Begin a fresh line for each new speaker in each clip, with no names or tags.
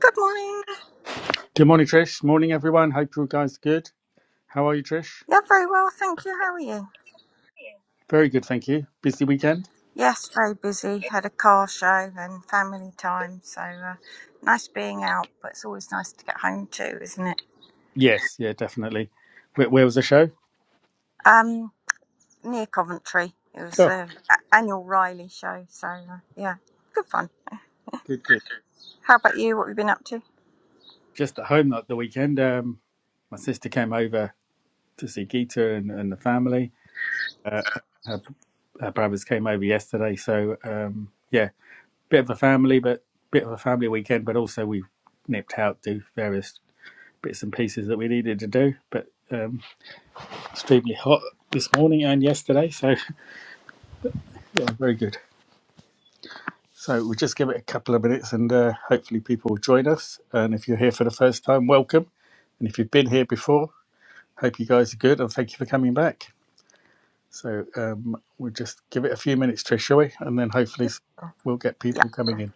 Good morning.
Good morning, Trish. Morning, everyone. Hope you guys are good. How are you, Trish?
Yeah, very well, thank you. How are you?
Very good, thank you. Busy weekend?
Yes, very busy. Had a car show and family time, so uh, nice being out. But it's always nice to get home too, isn't it?
Yes, yeah, definitely. Where, where was the show?
Um, near Coventry, it was
Oh,
the a- annual Riley show, so uh, yeah, good fun.
good, good.
How about you? What have you been up to?
Just at home like the weekend. Um, my sister came over to see Gita and, and the family. Uh, her, her brothers came over yesterday, so um, yeah, bit of a family, but bit of a family weekend. But also we nipped out to various bits and pieces that we needed to do. But um, extremely hot this morning and yesterday, so yeah, very good. So we'll just give it a couple of minutes and uh, hopefully people will join us. And if you're here for the first time, welcome. And if you've been here before, hope you guys are good and thank you for coming back. So um, we'll just give it a few minutes, Trish, shall we? And then hopefully s- we'll get people
Yeah,
coming in.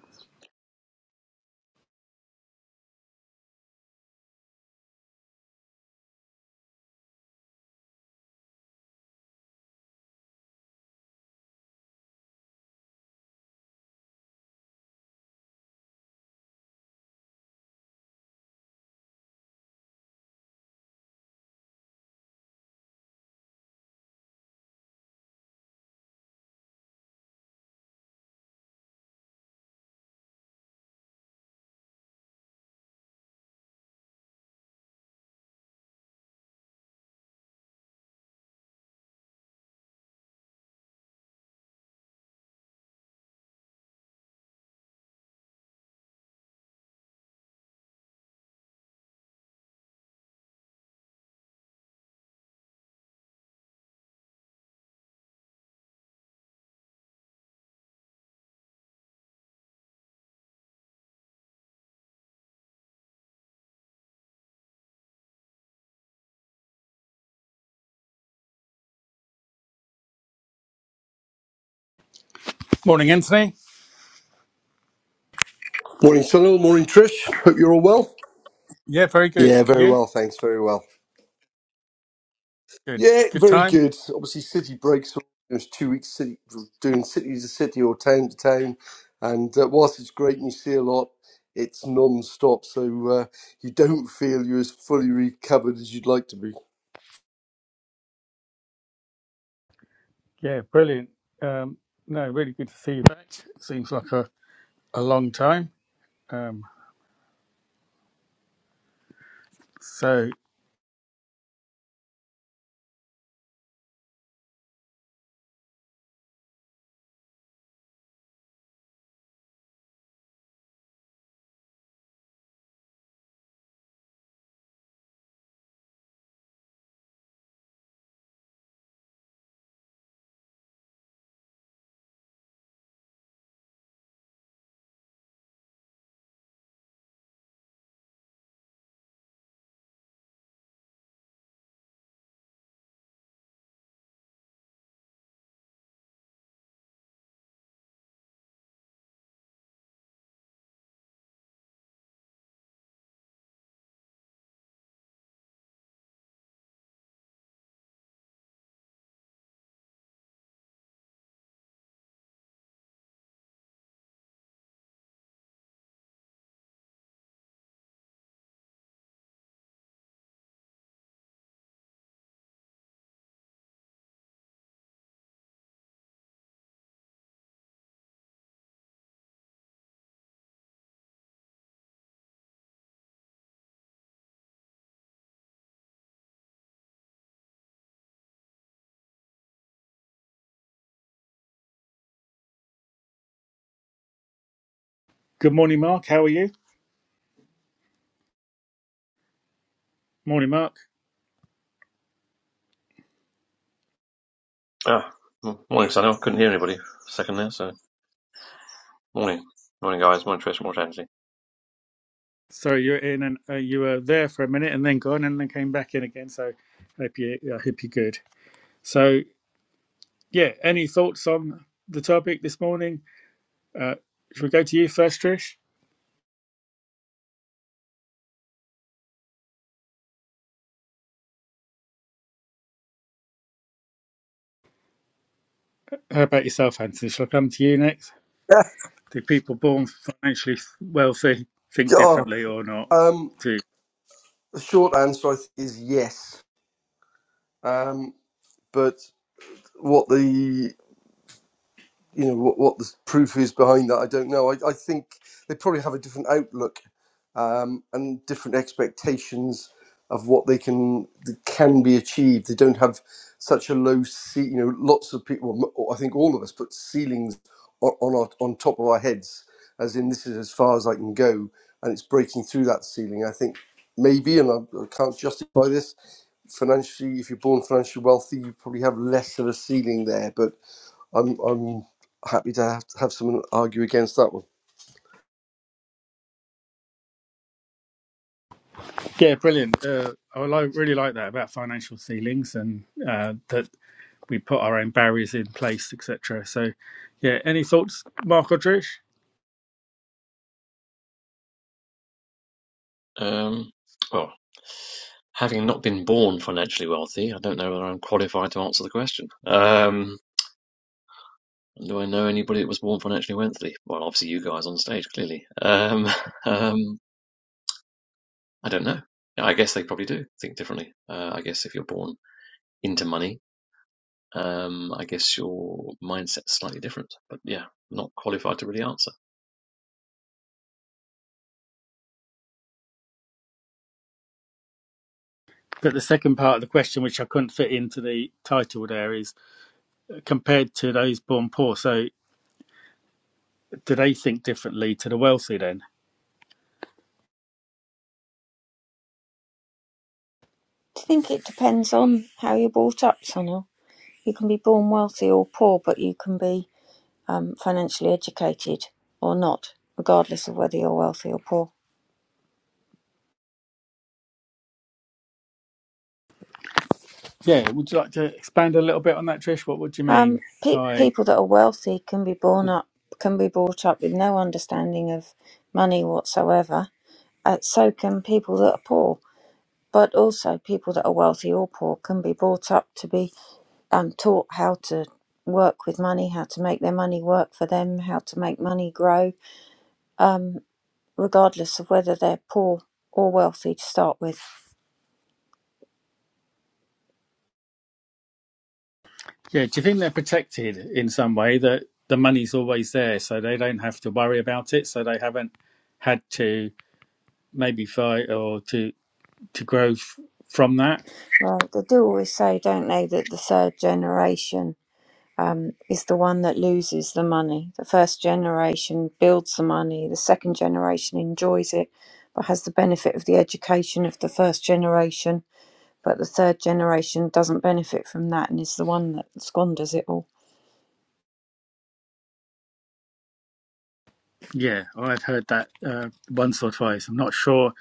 Morning, Anthony.
Morning, Sunil. Morning, Trish. Hope you're all well.
Yeah, very good.
Yeah, very
You?
well, thanks. Very well.
Good.
Yeah,
Good
very
time?
good. Obviously, city breaks. There's two weeks city, doing city to city or town to town, and uh, whilst it's great and you see a lot, it's non-stop, so uh, you don't feel you're as fully recovered as you'd like to be.
Yeah, brilliant. Um, no, really good to see you back. Seems like a, a long time. Um, so good morning, Mark. How are you? Morning, Mark.
Ah, m- morning, Sonny. I couldn't hear anybody for a second there, so morning. Morning, guys. Morning, Trish. Morning, Angie.
So you were in and uh, you were there for a minute and then gone and then came back in again. So hope you, I hope you're good. So yeah, any thoughts on the topic this morning? Uh, should we go to you first, Trish? How about yourself, Anthony? Shall I come to you next?
Yeah,
Do people born financially wealthy think
God.
differently or not?
Um,
Do
the short answer I think is yes. Um, but what the you know what, what the proof is behind that, I don't know. I, I think they probably have a different outlook um, and different expectations of what they can that can be achieved. They don't have such a low ce- You know, lots of people. m- I think all of us put ceilings on on, our, on top of our heads, as in this is as far as I can go, and it's breaking through that ceiling. I think maybe, and I, I can't justify this. Financially, if you're born financially wealthy, you probably have less of a ceiling there. But I'm I'm happy to have, have someone argue against that one.
yeah, brilliant. Uh, I like, really like that about financial ceilings and uh, that we put our own barriers in place, etc. So yeah, any thoughts, Mark or Trish?
Um, well, having not been born financially wealthy, I don't know whether I'm qualified to answer the question. Um, do I know anybody that was born financially wealthy? Well, obviously you guys on stage, clearly. Um, um, I don't know. Yeah, I guess they probably do think differently. Uh, I guess if you're born into money, um, I guess your mindset's slightly different. But yeah, not qualified to really answer.
But the second part of the question, which I couldn't fit into the title there, is compared to those born poor. So, do they think differently to the wealthy then?
I think it depends on how you're brought up, Sonal. You can be born wealthy or poor, but you can be um, financially educated or not, regardless of whether you're wealthy or poor.
Yeah. Would you like to expand a little bit on that, Trish? What would you
Um,
mean
pe-
by?
people that are wealthy can be born up, can be brought up with no understanding of money whatsoever. Uh, so can people that are poor, but also people that are wealthy or poor can be brought up to be um, taught how to work with money, how to make their money work for them, how to make money grow, um, regardless of whether they're poor or wealthy to start with.
Yeah. Do you think they're protected in some way that the money's always there, so they don't have to worry about it, so they haven't had to maybe fight or to to grow f- from that?
Right? They do always say, don't they, that the third generation um, is the one that loses the money. The first generation builds the money, the second generation enjoys it but has the benefit of the education of the first generation, but the third generation doesn't benefit from that and is the one that squanders it all.
Yeah, I've heard that uh, once or twice. I'm not sure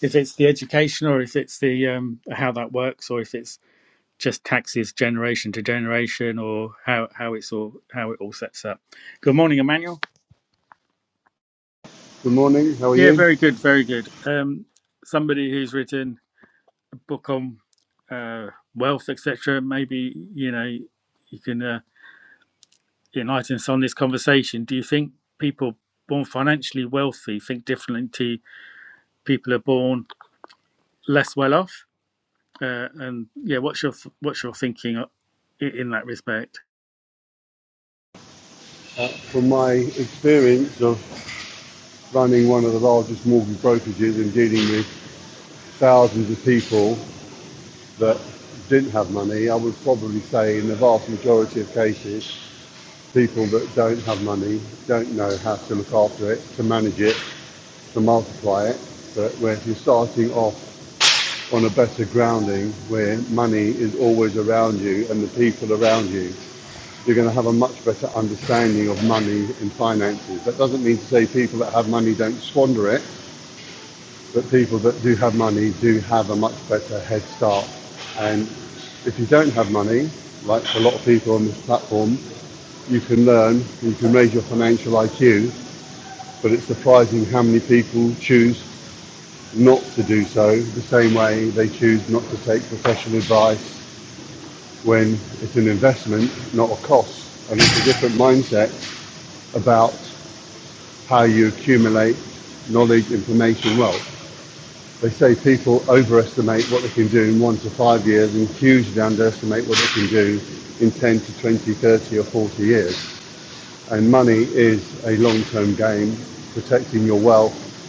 if it's the education or if it's the um, how that works or if it's just taxes generation to generation or how, how it's all how it all sets up. Good morning, Emmanuel.
Good morning, how are
Yeah,
you?
very good, very good. Um, somebody who's written a book on uh, wealth, etc. Maybe you know you can uh, enlighten us on this conversation. Do you think people born financially wealthy think differently to people who are born less well off? Uh, and yeah, what's your what's your thinking o- i- in that respect?
Uh, from my experience of running one of the largest mortgage brokerages and dealing with thousands of people that didn't have money, I would probably say in the vast majority of cases, people that don't have money don't know how to look after it, to manage it, to multiply it. But where if you're starting off on a better grounding where money is always around you and the people around you you're going to have a much better understanding of money and finances. That doesn't mean to say people that have money don't squander it, but people that do have money do have a much better head start. And if you don't have money, like a lot of people on this platform, you can learn, you can raise your financial IQ, but it's surprising how many people choose not to do so the same way they choose not to take professional advice when it's an investment, not a cost. And it's a different mindset about how you accumulate knowledge, information, wealth. They say people overestimate what they can do in one to five years and hugely underestimate what they can do in 10 to 20, 30, or 40 years. And money is a long-term game. Protecting your wealth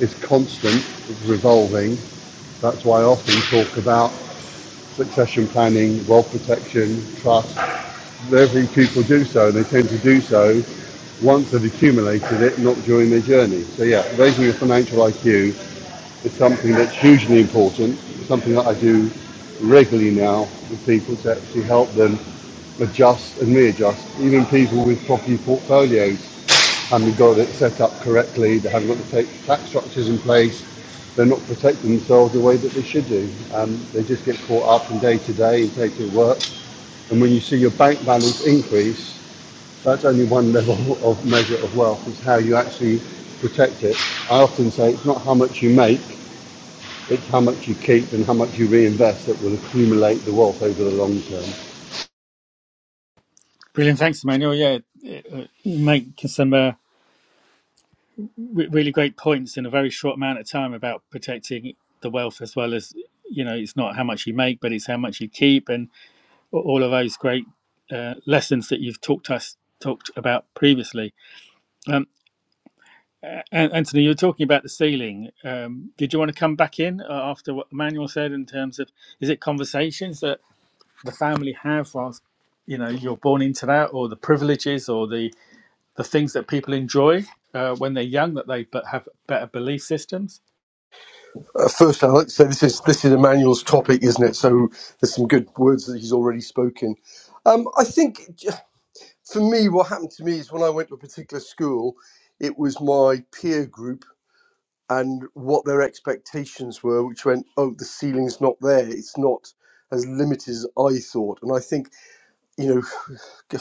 is constant, it's revolving. That's why I often talk about succession planning, wealth protection, trust. Every people do so, and they tend to do so once they've accumulated it, not during their journey. So yeah, raising your financial IQ it's something that's hugely important, something that I do regularly now with people to actually help them adjust and readjust, even people with property portfolios haven't got it set up correctly, they haven't got the tax structures in place, they're not protecting themselves the way that they should do. Um, they just get caught up in day to day and day to work. And when you see your bank balance increase, that's only one level of measure of wealth, is how you actually protect it. I often say it's not how much you make, it's how much you keep and how much you reinvest that will accumulate the wealth over the long term.
Brilliant, thanks, Emmanuel. Yeah, it, uh, you make some uh, re- really great points in a very short amount of time about protecting the wealth as well as you know it's not how much you make, but it's how much you keep, and a- all of those great uh, lessons that you've talked us talked about previously. Um, A- Anthony, you were talking about the ceiling. Um, did you want to come back in uh, after what Emmanuel said in terms of is it conversations that the family have whilst you know you're born into that or the privileges or the the things that people enjoy uh, when they're young that they but have better belief systems
Uh, first, I'd like to say this is this is Emmanuel's topic, isn't it? So there's some good words that he's already spoken. Um, I think j- for me, what happened to me is when I went to a particular school, it was my peer group and what their expectations were, which went, "Oh, the ceiling's not there; it's not as limited as I thought." And I think you know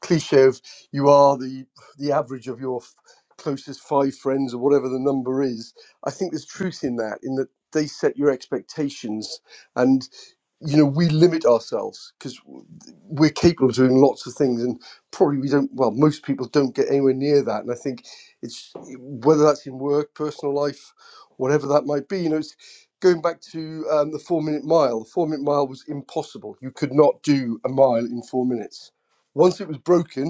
cliche of you are the the average of your f- closest five friends or whatever the number is i think there's truth in that in that they set your expectations and you know we limit ourselves because we're capable of doing lots of things and probably we don't well most people don't get anywhere near that and i think it's whether that's in work personal life whatever that might be you know it's going back to um, the four minute mile the four minute mile was impossible you could not do a mile in four minutes once it was broken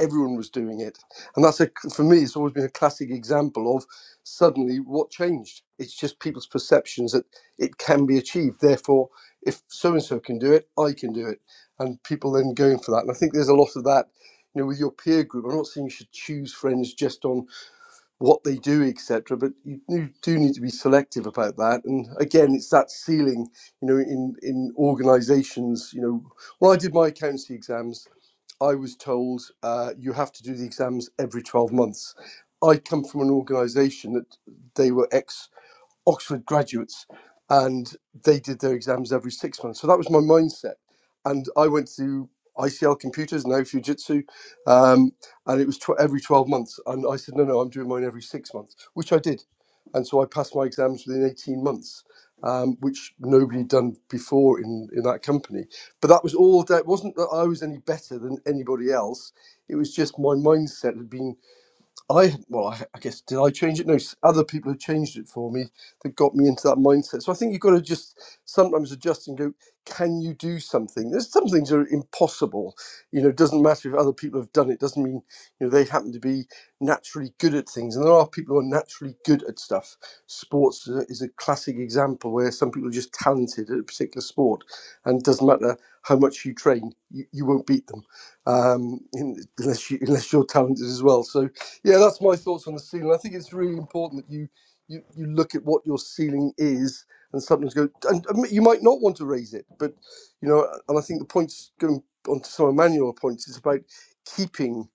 everyone was doing it and that's a for me it's always been a classic example of suddenly what changed it's just people's perceptions that it can be achieved therefore if so and so can do it i can do it and people then going for that and i think there's a lot of that you know with your peer group i'm not saying you should choose friends just on what they do, etc. But you do do need to be selective about that. And again, it's that ceiling, you know, in in organisations. You know, when I did my accountancy exams, I was told uh, you have to do the exams every twelve months. I come from an organisation that they were ex Oxford graduates, and they did their exams every six months. So that was my mindset, and I went to ICL Computers now Fujitsu, um, and it was tw- every twelve months. And I said, no, no, I'm doing mine every six months, which I did, and so I passed my exams within eighteen months. Um, which nobody had done before in, in that company, but that was all. That it wasn't that I was any better than anybody else. It was just my mindset had been I well, I, I guess did I change it? No, s- other people have changed it for me that got me into that mindset. So I think you've got to just sometimes adjust and go. Can you do something? There's some things that are impossible. You know, it doesn't matter if other people have done it. Doesn't mean you know they happen to be naturally good at things. And there are people who are naturally good at stuff. Sports is a, is a classic example where some people are just talented at a particular sport, and it doesn't matter how much you train, you, you won't beat them um, in, unless you unless you're talented as well. So yeah, that's my thoughts on the ceiling. I think it's really important that you you, you look at what your ceiling is, and sometimes go. And um, you might not want to raise it, but you know. And I think the points going on to some of Emmanuel's points is about keeping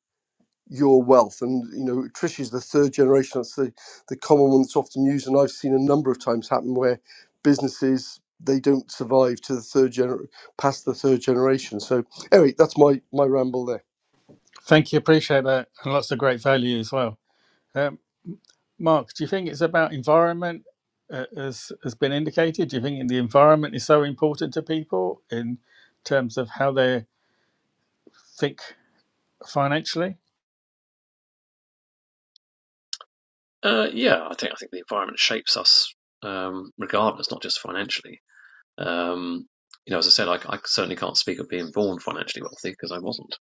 your wealth. And you know, Trish is the third generation. That's the the common one that's often used, and I've seen a number of times happen where businesses they don't survive to the third gener past the third generation. So anyway, that's my my ramble there.
thank you appreciate that and lots of great value as well um, mark do you think it's about environment uh, as has been indicated do you think the environment is so important to people in terms of how they think financially
Uh, yeah, I think I think the environment shapes us um, regardless, not just financially. Um, you know, as I said, I, I certainly can't speak of being born financially wealthy because I wasn't,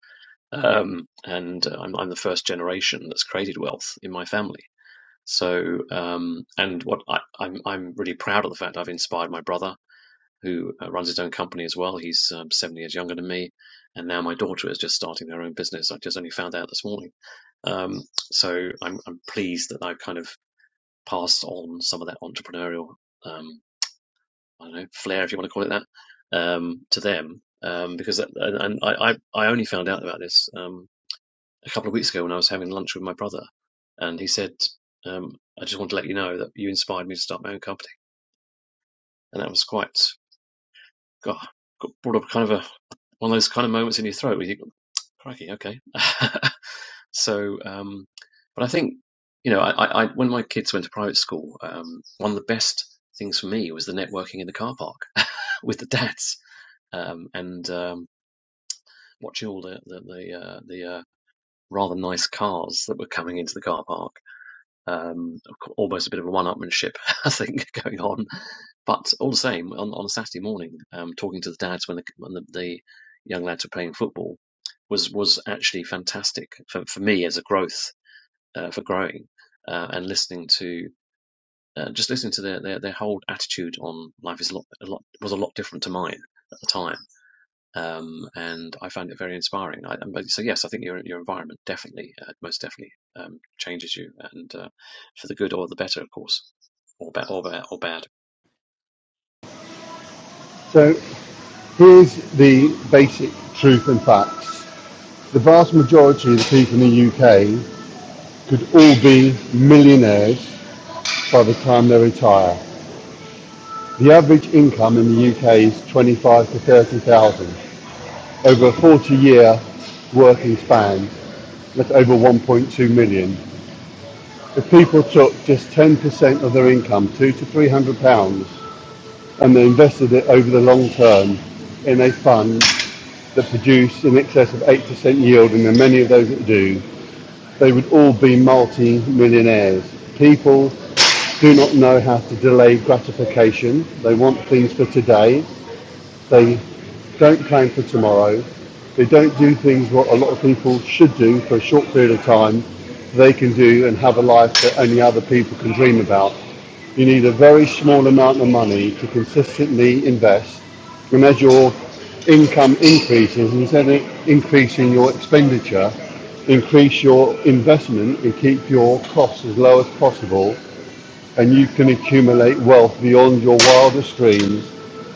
um, and uh, I'm, I'm the first generation that's created wealth in my family. So, um, and what I, I'm I'm really proud of the fact I've inspired my brother, who uh, runs his own company as well. He's um, seven years younger than me, and now my daughter is just starting their own business. I just only found out this morning. Um, so I'm, I'm pleased that I've kind of Pass on some of that entrepreneurial, um, I don't know, flair, if you want to call it that, um, to them. Um, because that, and I, I, I only found out about this um, a couple of weeks ago when I was having lunch with my brother, and he said, um, "I just want to let you know that you inspired me to start my own company," and that was quite, God, got brought up kind of a one of those kind of moments in your throat where you go, crikey, okay. So, um, but I think, you know, I, I, when my kids went to private school, um, one of the best things for me was the networking in the car park with the dads um, and um, watching all the the the, uh, the uh, rather nice cars that were coming into the car park. Um, almost a bit of a one-upmanship, I think, going on. But all the same, on, on a Saturday morning, um, talking to the dads when the, when the, the young lads were playing football was was actually fantastic for, for me as a growth uh, for growing uh, and listening to uh, just listening to their, their their whole attitude on life is a lot, a lot was a lot different to mine at the time um, and I found it very inspiring I, um, so yes I think your your environment definitely uh, most definitely um, changes you and uh, for the good or the better of course or bad or, ba- or bad
So here's the basic truth and facts. The vast majority of the people in the UK could all be millionaires by the time they retire. The average income in the UK is 25 to 30,000. Over a 40 year working span, that's over 1.2 million. If people took just 10% of their income, two to 300 pounds, and they invested it over the long term in a fund that produced in excess of 8% yield, and there are many of those that do, they would all be multi-millionaires. People do not know how to delay gratification. They want things for today. They don't plan for tomorrow. They don't do things what a lot of people should do for a short period of time. They can do and have a life that only other people can dream about. You need a very small amount of money to consistently invest. And as your income increases, instead of increasing your expenditure, increase your investment and keep your costs as low as possible. And you can accumulate wealth beyond your wildest dreams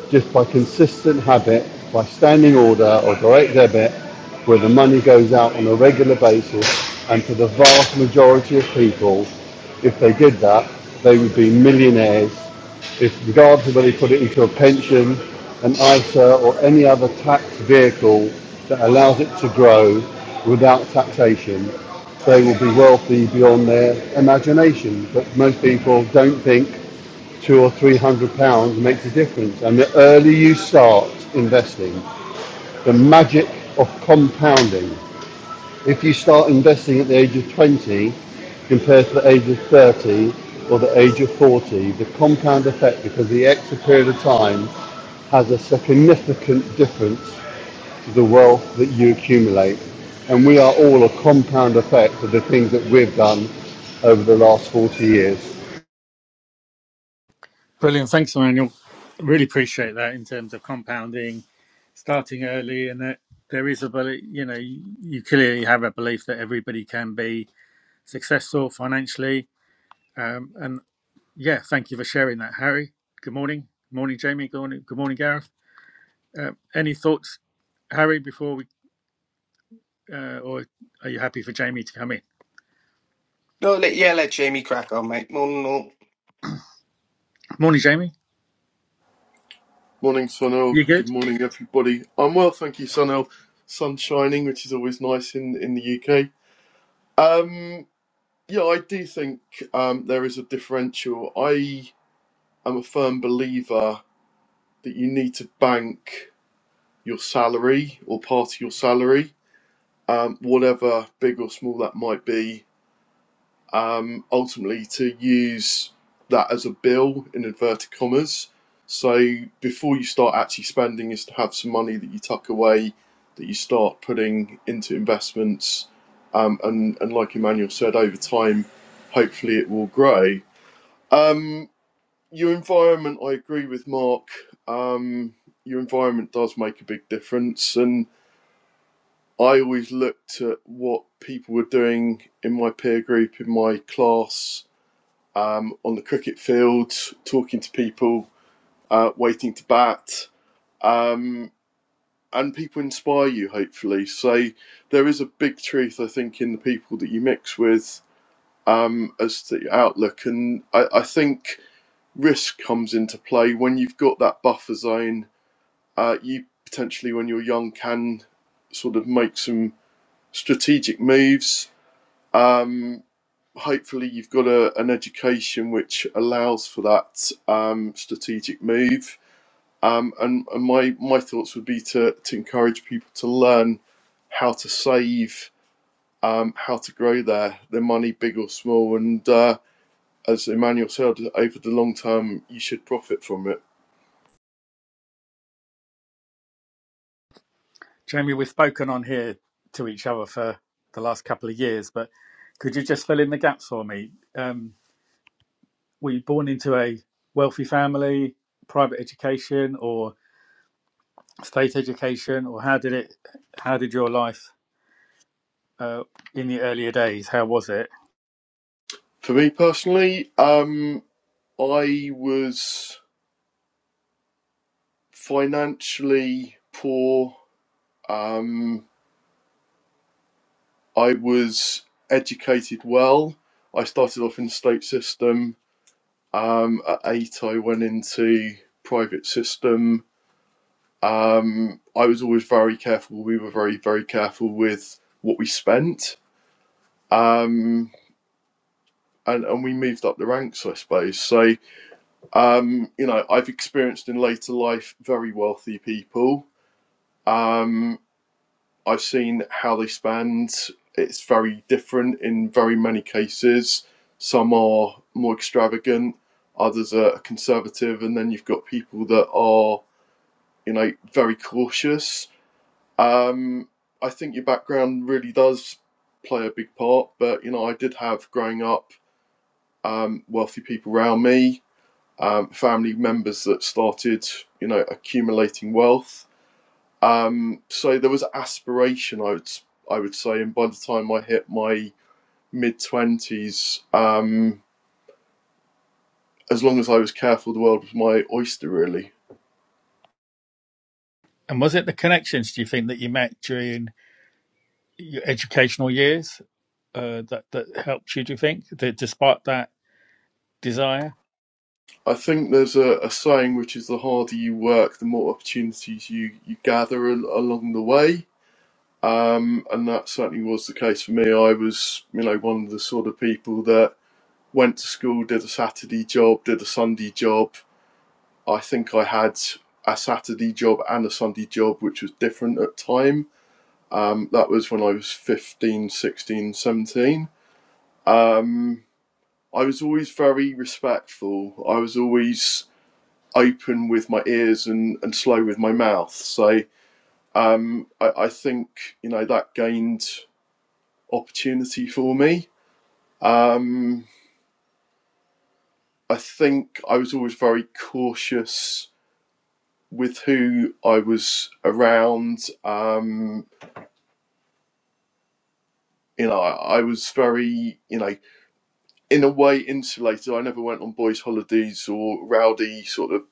just by consistent habit, by standing order or direct debit, where the money goes out on a regular basis. And for the vast majority of people, if they did that, they would be millionaires. If regardless of whether they put it into a pension, an ISA, or any other tax vehicle that allows it to grow without taxation, they will be wealthy beyond their imagination. But most people don't think two or three hundred pounds makes a difference. And the earlier you start investing, the magic of compounding. If you start investing at the age of 20 compared to the age of 30 or the age of 40, the compound effect, because the extra period of time has a significant difference to the wealth that you accumulate. And we are all a compound effect of the things that we've done over the last 40 years.
brilliant thanks emmanuel really appreciate that in terms of compounding starting early and that there is a belief, you know, you, you clearly have a belief that everybody can be successful financially. Um, and yeah, thank you for sharing that, Harry. Good morning. Good morning, Jamie. Good morning, good morning Gareth. Uh, any thoughts, Harry, before we, uh, or are you happy for Jamie to come in?
No, let, yeah, let Jamie crack on, mate. No, no, no.
Morning, Jamie.
Morning, Sunil.
You
Good
good?
morning, everybody. I'm well, thank you, Sunil. Sun shining, which is always nice in in the UK. Um, yeah, I do think um, there is a differential. I am a firm believer that you need to bank your salary or part of your salary, um, whatever big or small that might be, um, ultimately to use that as a bill in inverted commas. So before you start actually spending, is to have some money that you tuck away, that you start putting into investments, um, and and like Emmanuel said, over time, hopefully it will grow. Um, your environment, I agree with Mark. Um, your environment does make a big difference, and I always looked at what people were doing in my peer group, in my class, um, on the cricket field, talking to people, uh, waiting to bat, um, and people inspire you, hopefully. So there is a big truth, I think, in the people that you mix with um, as to your outlook. And I, I think risk comes into play when you've got that buffer zone. Uh, you potentially, when you're young, can sort of make some strategic moves. Um, hopefully you've got a, an education which allows for that um, strategic move. Um, and and my, my thoughts would be to, to encourage people to learn how to save, um, how to grow their, their money, big or small. And uh, as Emmanuel said, over the long term, you should profit from it.
Jamie, we've spoken on here to each other for the last couple of years, but could you just fill in the gaps for me? Um, were you born into a wealthy family, private education, or state education, or how did it? How did your life uh, in the earlier days? How was it?
For me personally, um, I was financially poor um, I was educated well. I started off in the state system. Um, at eight, I went into private system. Um, I was always very careful. We were very, very careful with what we spent. Um, and, and we moved up the ranks, I suppose. So, um, you know, I've experienced in later life very wealthy people. Um, I've seen how they spend. It's very different in very many cases. Some are more extravagant, others are conservative, and then you've got people that are, you know, very cautious. Um, I think your background really does play a big part, but you know, I did have growing up um, wealthy people around me, um, family members that started, you know, accumulating wealth um, so there was aspiration, I would I would say, and by the time I hit my mid twenties, um, as long as I was careful, the world was my oyster. Really,
And was it the connections? Do you think that you met during your educational years uh, that that helped you? Do you think that despite that desire?
I think there's a, a saying which is the harder you work, the more opportunities you you gather al- along the way. Um, and that certainly was the case for me. I was, you know, one of the sort of people that went to school, did a Saturday job, did a Sunday job, I think I had a Saturday job and a Sunday job, which was different at time. Um, that was when I was 15, 16, 17. Um, I was always very respectful. I was always open with my ears and, and slow with my mouth. So um, I, I think, you know, that gained opportunity for me. Um, I think I was always very cautious with who I was around. Um, you know, I, I was very, you know, in a way insulated. I never went on boys' holidays or rowdy sort of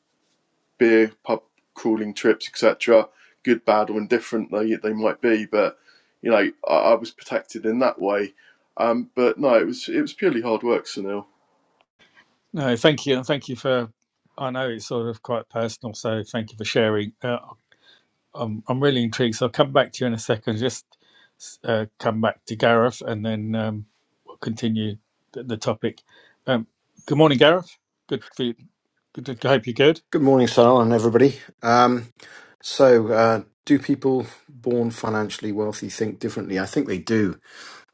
beer pub crawling trips, etc. Good, bad, or indifferent they they might be, but you know, I, I was protected in that way. Um, but no, it was it was purely hard work, Sunil.
No, thank you, and thank you for. I know it's sort of quite personal, so thank you for sharing. Uh, I'm I'm really intrigued, so I'll come back to you in a second. Just uh, come back to Gareth, and then. Um, continue the, the topic. Um, good morning, Gareth. Good for you. Good to, I hope you're good.
Good morning, Sarah, and everybody. Um, so, uh, do people born financially wealthy think differently? I think they do.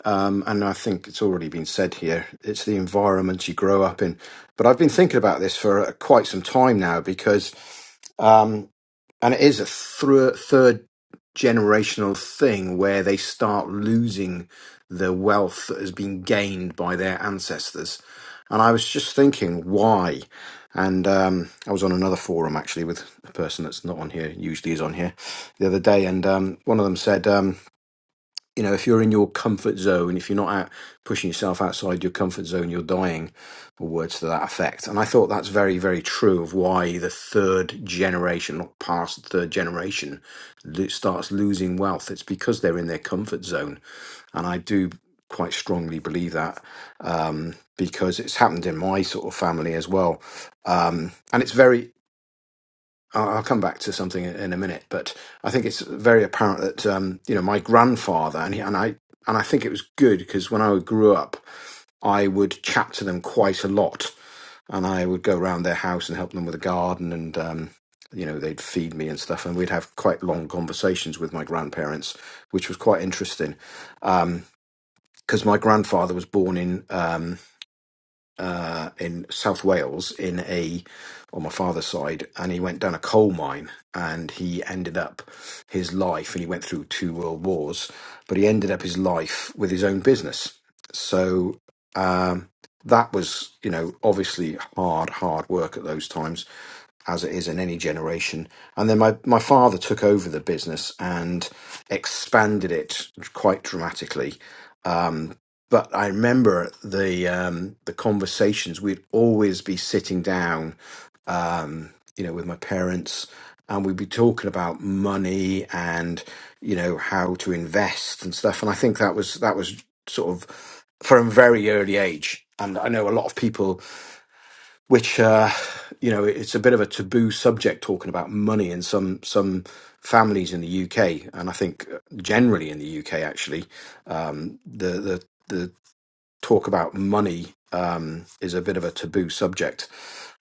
Um, and I think it's already been said here it's the environment you grow up in. But I've been thinking about this for uh, quite some time now because um, and it is a thr third generational thing where they start losing the wealth that has been gained by their ancestors. And I was just thinking, why? And um, I was on another forum actually with a person that's not on here, usually is on here, the other day, and um, one of them said. Um, you know, if you're in your comfort zone, if you're not out pushing yourself outside your comfort zone, you're dying, or words to that effect. And I thought that's very, very true of why the third generation, not past the third generation, lo- starts losing wealth. It's because they're in their comfort zone. And I do quite strongly believe that um, because it's happened in my sort of family as well. Um, and it's very, I'll I'll come back to something in in a minute, but I think it's very apparent that um, you know my grandfather and he, and I and I think it was good because when I grew up, I would chat to them quite a lot, and I would go around their house and help them with the garden, and um, you know they'd feed me and stuff, and we'd have quite long conversations with my grandparents, which was quite interesting because my grandfather was born in um, uh, in South Wales in a on my father's side, and he went down a coal mine, and he ended up his life, and he went through two world wars, but he ended up his life with his own business. So um, that was, you know, obviously hard, hard work at those times, as it is in any generation. And then my my father took over the business and expanded it quite dramatically but I remember the um, the conversations. We'd always be sitting down, um, you know, with my parents, and we'd be talking about money and you know how to invest and stuff. And I think that was that was sort of from a very early age. And I know a lot of people, which uh, you know, it's a bit of a taboo subject talking about money in some some families in the UK, and I think uh, generally in the UK actually, um, the the talk about money um, is a bit of a taboo subject.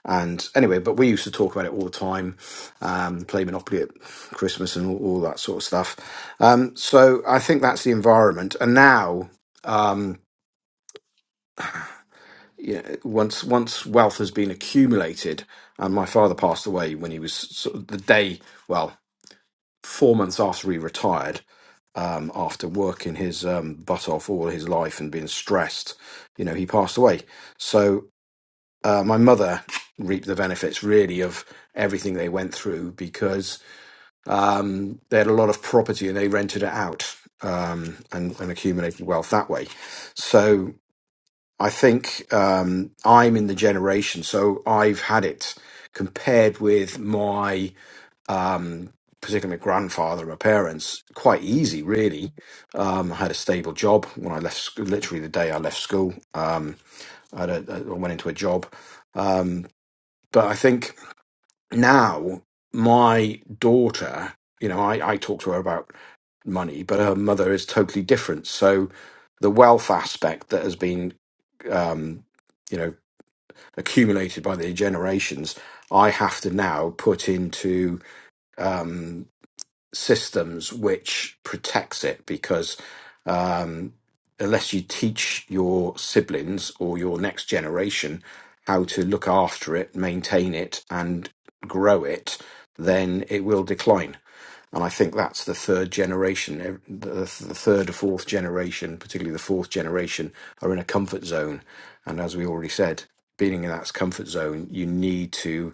And anyway, but we used to talk about it all the time, um, play Monopoly at Christmas and all, all that sort of stuff. Um, so I think that's the environment. And now, um, you know, once once wealth has been accumulated, and my father passed away when he was sort of the day, well, four months after he retired, um, after working his um, butt off all his life and being stressed, you know, he passed away. So uh, my mother reaped the benefits really of everything they went through because um, they had a lot of property and they rented it out um, and, and accumulated wealth that way. So I think um, I'm in the generation, so I've had it compared with my. Um, Particularly my grandfather, my parents, quite easy, really. Um, I had a stable job when I left, sc- literally the day I left school. Um, I, had a, I went into a job Um, but I think now my daughter, you know, I, I talk to her about money, but her mother is totally different. So the wealth aspect that has been, um, you know, accumulated by the generations, I have to now put into. um, systems which protects it because um, unless you teach your siblings or your next generation how to look after it, maintain it, and grow it, then it will decline. And I think that's the third generation, ev- the the third or fourth generation, particularly the fourth generation, are in a comfort zone. And as we already said, being in that comfort zone, you need to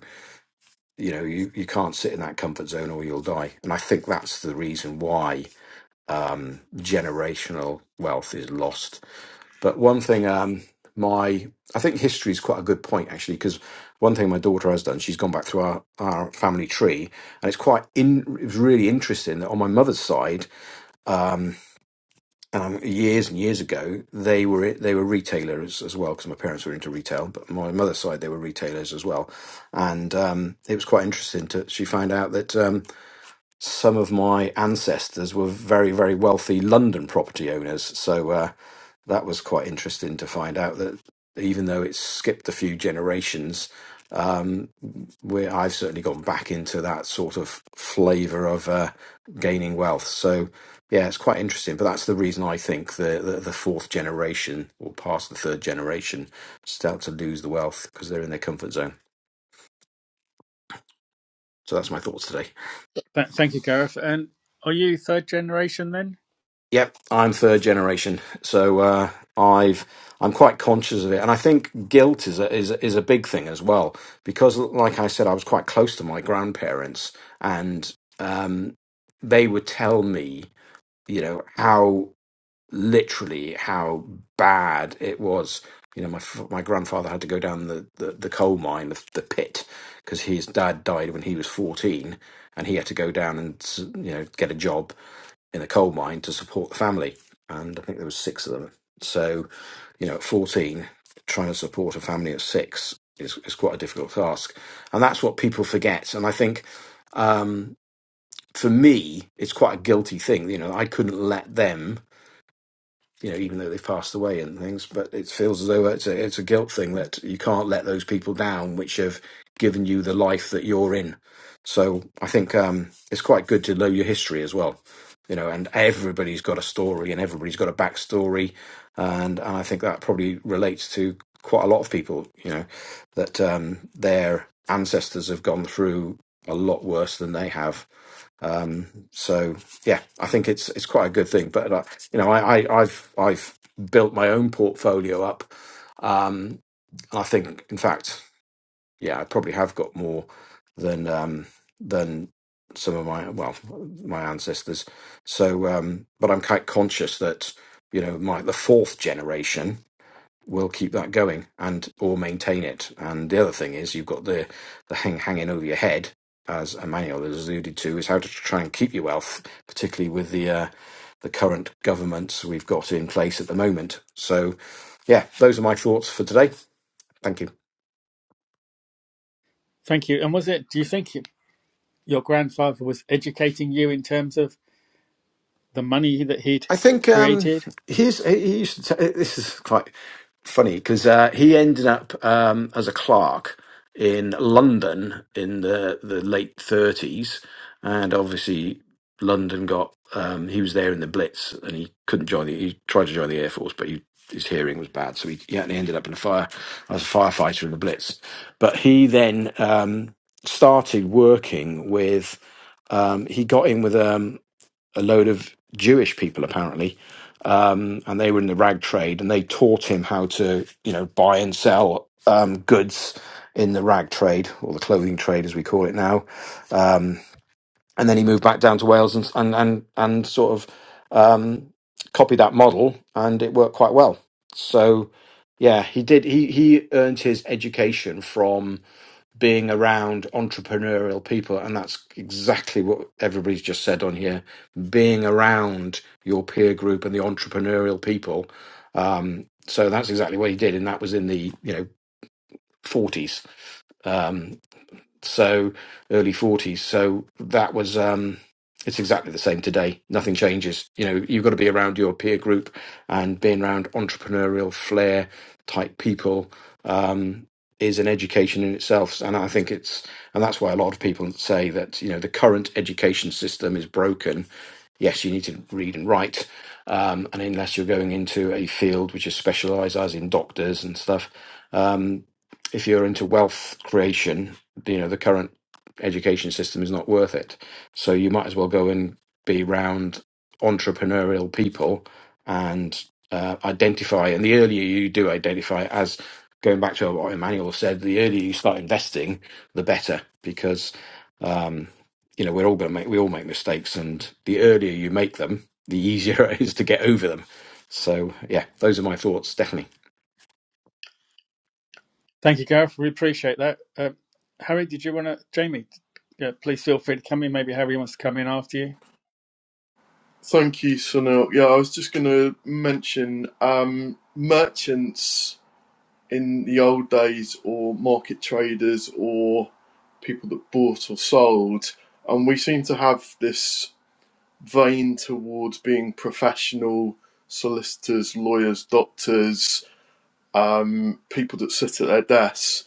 you know you, you can't sit in that comfort zone or you'll die and i think that's the reason why generational wealth is lost but one thing um my i think history is quite a good point actually because one thing my daughter has done she's gone back through our, our family tree and it's quite in it was really interesting that on my mother's side um, years and years ago they were they were retailers as well because my parents were into retail but my mother's side they were retailers as well and um, it was quite interesting to she found out that um, some of my ancestors were very, very wealthy London property owners. So uh, that was quite interesting to find out that even though it's skipped a few generations, um, we I've certainly gone back into that sort of flavour of uh, gaining wealth. So yeah, it's quite interesting. But that's the reason I think the, the, the fourth generation or past the third generation start to lose the wealth because they're in their comfort zone. So that's my thoughts today.
Th- thank you, Gareth. And are you third generation then?
Yep, I'm third generation, so uh, I've I'm quite conscious of it, and I think guilt is a, is a- is a big thing as well because, like I said, I was quite close to my grandparents, and um, they would tell me, you know, how literally how bad it was. You know, my f- my grandfather had to go down the the, the coal mine, the, the pit, because his dad died when he was fourteen, and he had to go down and s- you know get a job in a coal mine to support the family, and I think there was six of them. So, you know, at fourteen, trying to support a family of six is is quite a difficult task, and that's what people forget. And I think, um, for me, it's quite a guilty thing. You know, I couldn't let them you know, even though they've passed away and things, but it feels as though it's a it's a guilt thing that you can't let those people down, which have given you the life that you're in. So I think um, it's quite good to know your history as well, you know. And everybody's got a story, and everybody's got a backstory, and and I think that probably relates to quite a lot of people, you know, that um, their ancestors have gone through a lot worse than they have um, so yeah, I think it's it's quite a good thing. But uh, you know, I, I, I've I've built my own portfolio up. Um, I think, in fact, yeah, I probably have got more than um, than some of my well my ancestors. So, um, but I'm quite conscious that you know my the fourth generation will keep that going and or maintain it. And the other thing is you've got the the hang hanging over your head, as Emmanuel has alluded to, is how to try and keep your wealth, particularly with the uh, the current governments we've got in place at the moment. So, yeah, those are my thoughts for today. Thank you.
Thank you. And was it? Do you think y- your grandfather was educating you in terms of the money that he'd
I think um,
created?
he's he used to. T- this is quite funny because uh, he ended up um, as a clerk in London in the the late thirties, and obviously London got. Um, he was there in the Blitz, and he couldn't join the. He tried to join the Air Force, but he, his hearing was bad, so he, he actually ended up in a fire as a firefighter in the Blitz. But he then um, started working with. Um, he got in with um, a load of Jewish people apparently, um, and they were in the rag trade, and they taught him how to, you know, buy and sell um, goods in the rag trade or the clothing trade as we call it now. Um, and then he moved back down to Wales and and and, and sort of um, copied that model, and it worked quite well. So, yeah, he did. He he earned his education from being around entrepreneurial people and that's exactly what everybody's just said on here being around your peer group and the entrepreneurial people um so that's exactly what he did and that was in the you know 40s so early 40s so that was um it's exactly the same today nothing changes you know you've got to be around your peer group and being around entrepreneurial flair type people um is an education in itself and i think it's and that's why a lot of people say that you know the current education system is broken yes you need to read and write um, and unless you're going into a field which is specialized as in doctors and stuff um, if you're into wealth creation you know the current education system is not worth it so you might as well go and be round entrepreneurial people and uh, identify and the earlier you do identify as going back to what emmanuel said the earlier you start investing the better because um, you know we're all going to make we all make mistakes and the earlier you make them the easier it is to get over them so yeah those are my thoughts stephanie
Thank you, Gareth. We appreciate that. Uh, Harry, did you want to? Jamie, yeah, please feel free to come in. Maybe Harry wants to come in after you.
Thank you, Sunil. Yeah, I was just going to mention um, merchants in the old days or market traders or people that bought or sold. And we seem to have this vein towards being professional solicitors, lawyers, doctors, um, people that sit at their desks.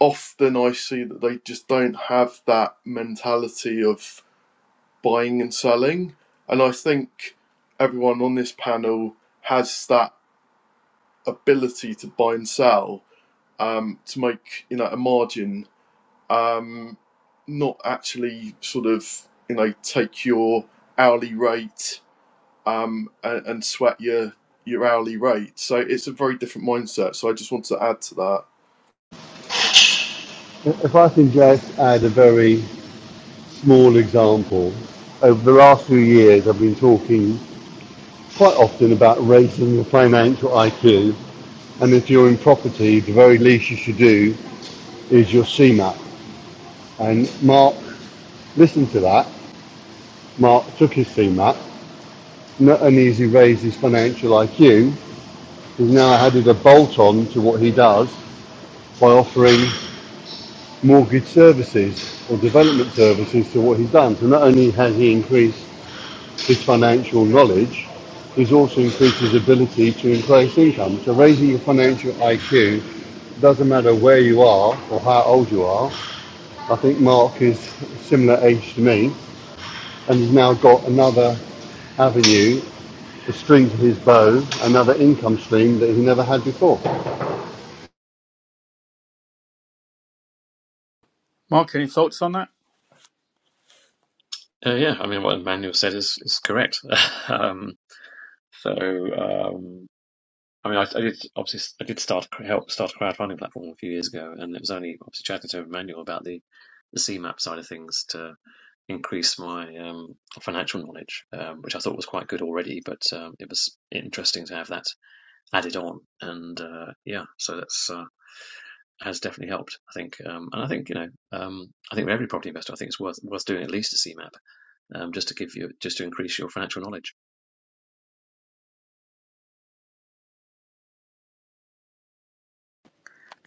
Often I see that they just don't have that mentality of buying and selling. And I think everyone on this panel has that ability to buy and sell um, to make you know a margin um, not actually sort of you know take your hourly rate um, and, and sweat your your hourly rate. So it's a very different mindset. So I just wanted to add to that.
If I can just add a very small example. Over the last few years, I've been talking quite often about raising your financial IQ. And if you're in property, the very least you should do is your CMAP. And Mark listened to that. Mark took his CMAP. Not only has he raised his financial IQ, he's now added a bolt on to what he does by offering mortgage services or development services to what he's done. So not only has he increased his financial knowledge is also increased his ability to increase income. So raising your financial IQ doesn't matter where you are or how old you are. I think Mark is a similar age to me and he's now got another avenue, the string to his bow, another income stream that he never had before. Do
Mark, any thoughts on that?
uh, yeah I mean what Emmanuel said is is correct um, so um, I mean, I, I did obviously I did start a cr- help start a crowdfunding platform a few years ago, and it was only obviously chatting to Emmanuel about the the CMAP side of things to increase my um, financial knowledge, um, which I thought was quite good already, but um, it was interesting to have that added on, and uh, yeah, so that's. Uh, has definitely helped, I think, um, and I think you know, um, I think with every property investor, I think it's worth worth doing at least a CMAP, um, just to give you, just to increase your financial knowledge.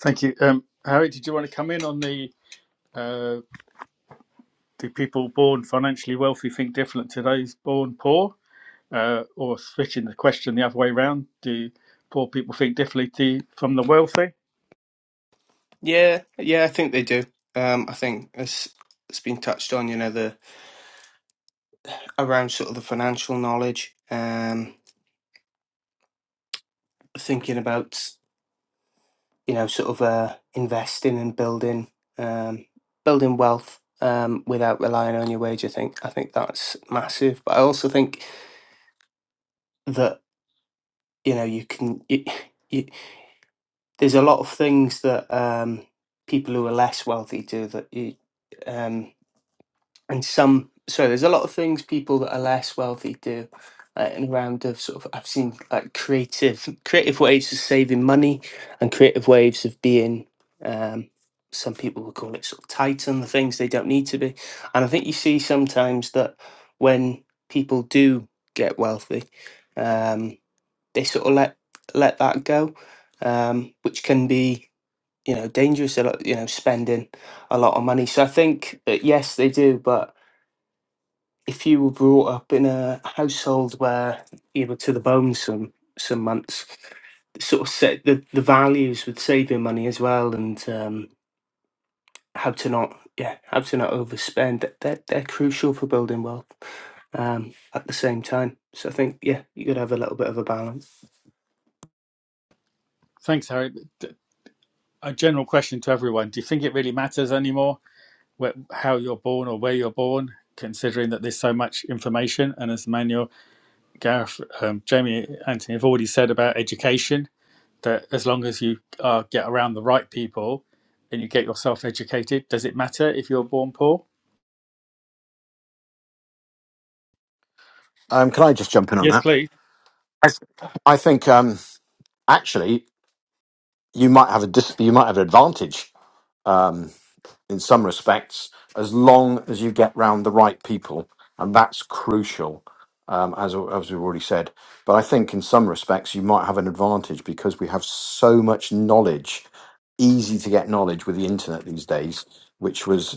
Thank you, um, Harry. Did you want to come in on the? uh, Do people born financially wealthy think different to those born poor? Uh, or switching the question the other way round, do poor people think differently to, from the wealthy?
Yeah, yeah, I think they do. Um, I think as it's been touched on, you know, the around sort of the financial knowledge, um, thinking about you know sort of uh, investing and building, um, building wealth um, without relying on your wage. I think I think that's massive. But I also think that you know you can. You, you, there's a lot of things that um, people who are less wealthy do that you. um. and some so there's a lot of things people that are less wealthy do uh, in a round of sort of i've seen like creative creative ways of saving money and creative ways of being um some people would call it sort of tight on the things they don't need to be and i think you see sometimes that when people do get wealthy um they sort of let let that go um which can be you know dangerous a lot you know spending a lot of money so i think that yes they do but if you were brought up in a household where you were to the bone some some months, sort of set the, the values with saving money as well and um, how to not yeah how to not overspend that they're, they're crucial for building wealth um, at the same time. So I think yeah you could have a little bit of a balance.
Thanks, Harry. A general question to everyone Do you think it really matters anymore where, how you're born or where you're born, considering that there's so much information? And as Manuel, Gareth, um, Jamie, Anthony have already said about education, that as long as you uh, get around the right people and you get yourself educated, does it matter if you're born poor?
Um, can I just jump in on
Yes,
that?
please.
I, I think um, actually. you might have a dis- you might have an advantage um, in some respects as long as you get round the right people, and that's crucial. Um, as as we've already said, but I think in some respects you might have an advantage because we have so much knowledge, easy to get knowledge with the internet these days, which was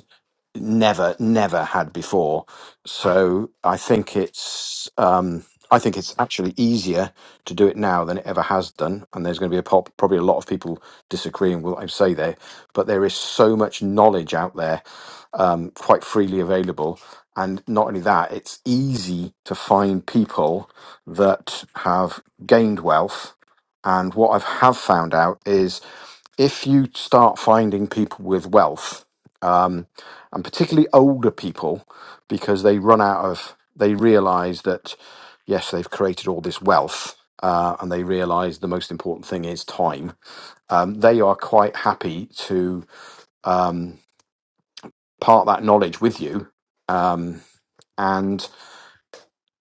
never never had before so i think it's um i think it's actually easier to do it now than it ever has done and there's going to be a pop, probably a lot of people disagreeing with what i say there but there is so much knowledge out there um, quite freely available and not only that it's easy to find people that have gained wealth and what i have found out is if you start finding people with wealth um, and particularly older people because they run out of they realize that yes they've created all this wealth uh, and they realize the most important thing is time um, they are quite happy to um, part that knowledge with you um,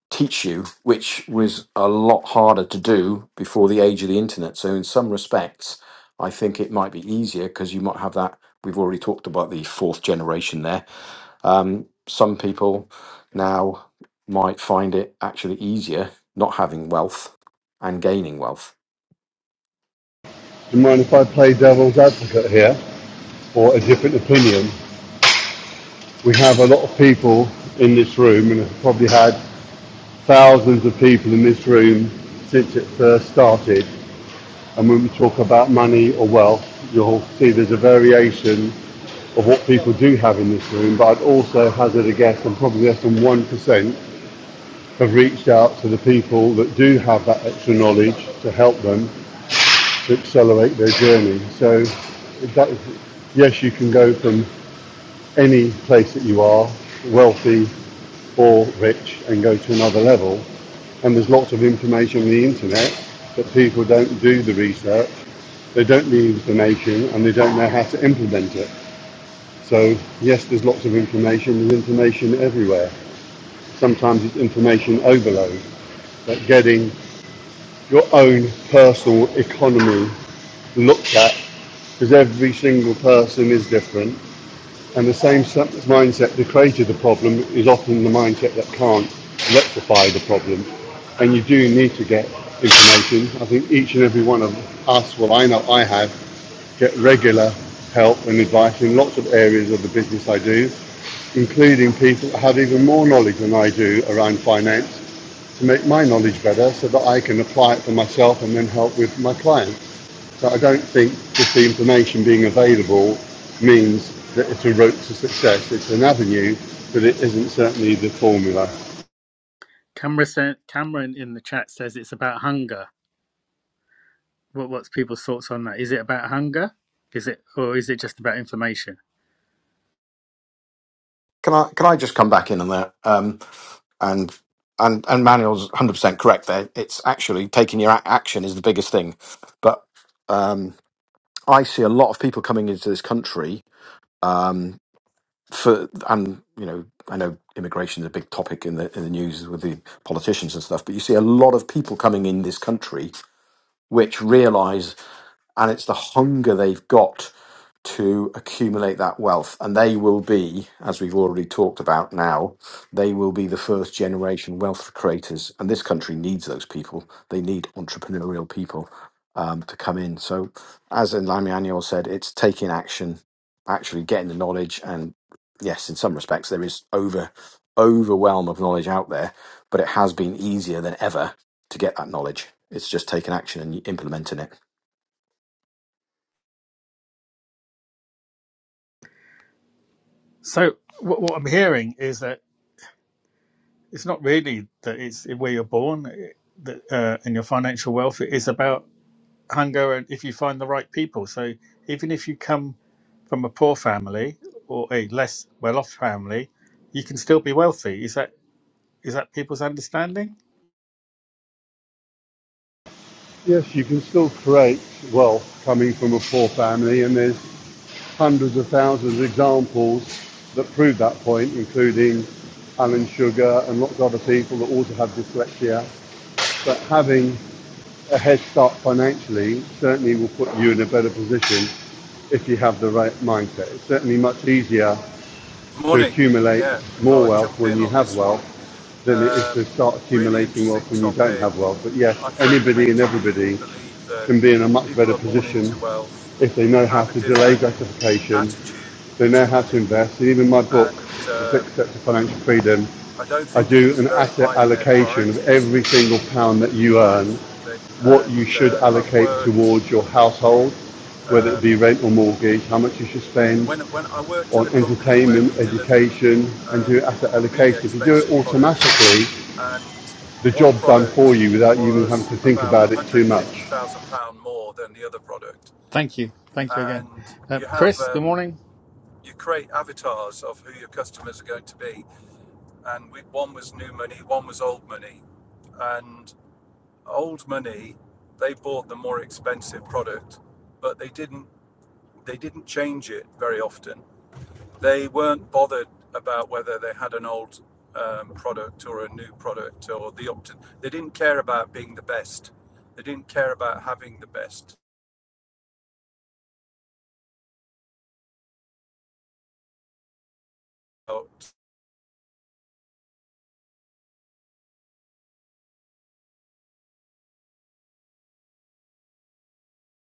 teach you, which was a lot harder to do before the age of the internet. So, in some respects, I think it might be easier because you might have that. We've already talked about the fourth generation there. Um, some people now might find it actually easier not having wealth and gaining wealth.
you mind if I play devil's advocate here or a different opinion? We have a lot of people in this room and have probably had thousands of people in this room since it first started. And when we talk about money or wealth, you'll see there's a variation of what people do have in this room. But I'd also hazard a guess, and probably less than 1% have reached out to the people that do have that extra knowledge to help them to accelerate their journey. So that, yes, you can go from any place that you are, wealthy or rich and go to another level. And there's lots of information on the internet, but people don't do the research, they don't need the information, and they don't know how to implement it. So, yes, there's lots of information, there's information everywhere. Sometimes it's information overload, but getting your own personal economy looked at, because every single person is different, And the same mindset that created the problem is often the mindset that can't rectify the problem. And you do need to get information. I think each and every one of us, well, I know I have, get regular help and advice in lots of areas of the business I do, including people that have even more knowledge than I do around finance to make my knowledge better so that I can apply it for myself and then help with my clients. But I don't think just the information being available means that it's a route to success. It's an avenue, but it isn't certainly the formula.
Camera sent, Cameron in the chat says it's about hunger. What what's people's thoughts on that? Is it about hunger? Is it or is it just about information?
Can I can I just come back in on that? Um, and and and Manuel's hundred percent correct there. It's actually taking your ac action is the biggest thing. But um, I see a lot of people coming into this country for, and you know, I know immigration is a big topic in the in the news with the politicians and stuff. But you see a lot of people coming in this country which realise and it's the hunger they've got to accumulate that wealth. And they will be, as we've already talked about now, they will be the first generation wealth creators. And this country needs those people. They need entrepreneurial people um, to come in. So, as Lamianiel said, it's taking action, actually getting the knowledge. And yes, in some respects, there is over overwhelm of knowledge out there, but it has been easier than ever to get that knowledge. It's just taking action and implementing it.
So what, what I'm hearing is that it's not really that it's where you're born it- that, uh, and your financial wealth. It is about hunger and if you find the right people. So even if you come from a poor family or a less well-off family, you can still be wealthy. Is that is that people's understanding?
Yes, you can still create wealth coming from a poor family, and there's hundreds of thousands of examples that prove that point, including Alan Sugar and lots of other people that also have dyslexia. But having a head start financially certainly will put you in a better position if you have the right mindset. It's certainly much easier to
Morning.
accumulate
Yeah, I
more
thought I'd
wealth
jump
when
in
you
on
have
this one.
wealth than it is to
Um,
start
really
accumulating
interesting
wealth when you don't
topic.
have wealth. But yes,
I
anybody and
fundamentally
everybody
believe that
can be in a much
people
better
are born
position
into wealth,
if they know how
have a
to delay
different
gratification,
attitude
they know
to
how to
money,
invest. And even my book,
and
The Six
um,
Steps to Financial Freedom,
I don't
I
think
do
it's
an
very
asset
high in their
allocation of
priorities
every single pound that
in
you earn,
life. They,
what you
and
should
uh, I've
allocate
worked
towards your household, whether it be
um,
rent or mortgage, how much you should spend,
when when I worked at
on
a company where
entertainment,
we delivered
education, and do
um,
asset
really
allocation. If you do it
expensive products
automatically,
and
the
one
job's done for
product
you without you even having
was
to think
about
about it too much.
150,000 pound more than the other product.
Thank you, thank you again,
And
um,
you have
Chris. Good
um,
morning.
you create avatars of who your customers are going to be, and we, one was new money, one was old money, and old money they bought the more expensive product, but they didn't they didn't change it very often. They weren't bothered about whether they had an old um, product or a new product or the opt. They didn't care about being the best. They didn't care about having the best.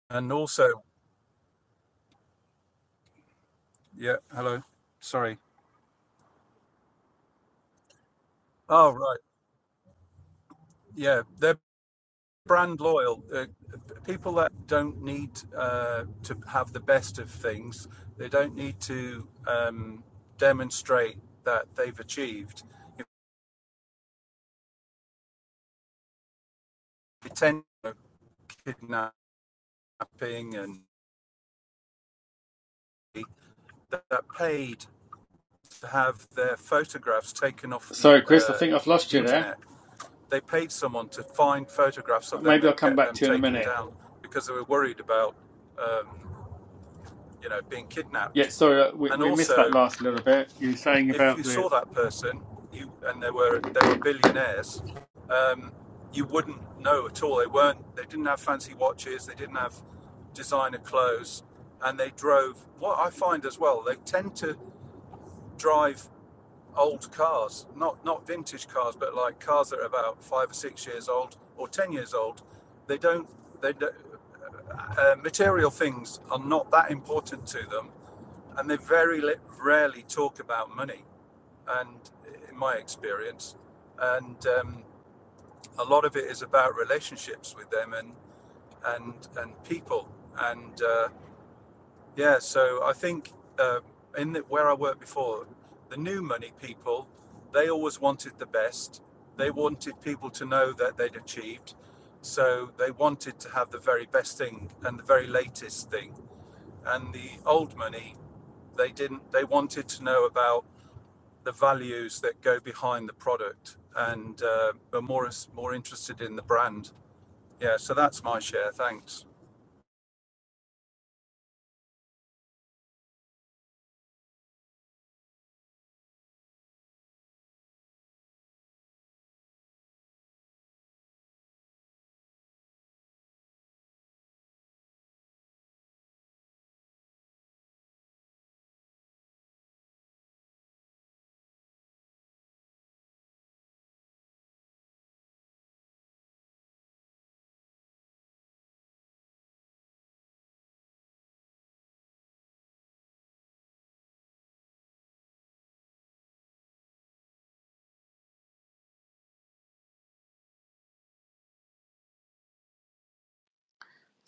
And also, yeah, hello, sorry. Oh right, yeah, they're brand loyal. Uh, people that don't need uh, to have the best of things, they don't need to um, demonstrate that they've achieved. If they tend to kidnapping and that, paid to have their photographs taken off the,
Sorry, Chris, I
uh,
think I've lost
the
you there.
internet. They paid someone to find photographs of them
Maybe I'll
and
come
get
back
them
to you in a
taken
minute.
down because they were worried about, um, you know, being
Yeah,
kidnapped.
sorry, uh, we,
And
we missed that
also,
last little bit. You were saying
if
about
you
the.
saw that person, you and they were they were billionaires, um, you wouldn't know at all. They weren't. They didn't have fancy watches. They didn't have designer clothes, and they drove. What I find as well, they tend to drive old cars, not not vintage cars, but like cars that are about five or six years old or ten years old. They don't. They don't, uh, material things are not that important to them, and they very li- rarely talk about money. And in my experience, and um, a lot of it is about relationships with them and and and people. And uh, Yeah, so I think uh, in the, where I worked before, the new money people, they always wanted the best. They wanted people to know that they'd achieved. So they wanted to have the very best thing and the very latest thing. And the old money, they didn't. They wanted to know about the values that go behind the product and uh, are more more interested in the brand. Yeah, so that's my share. Thanks.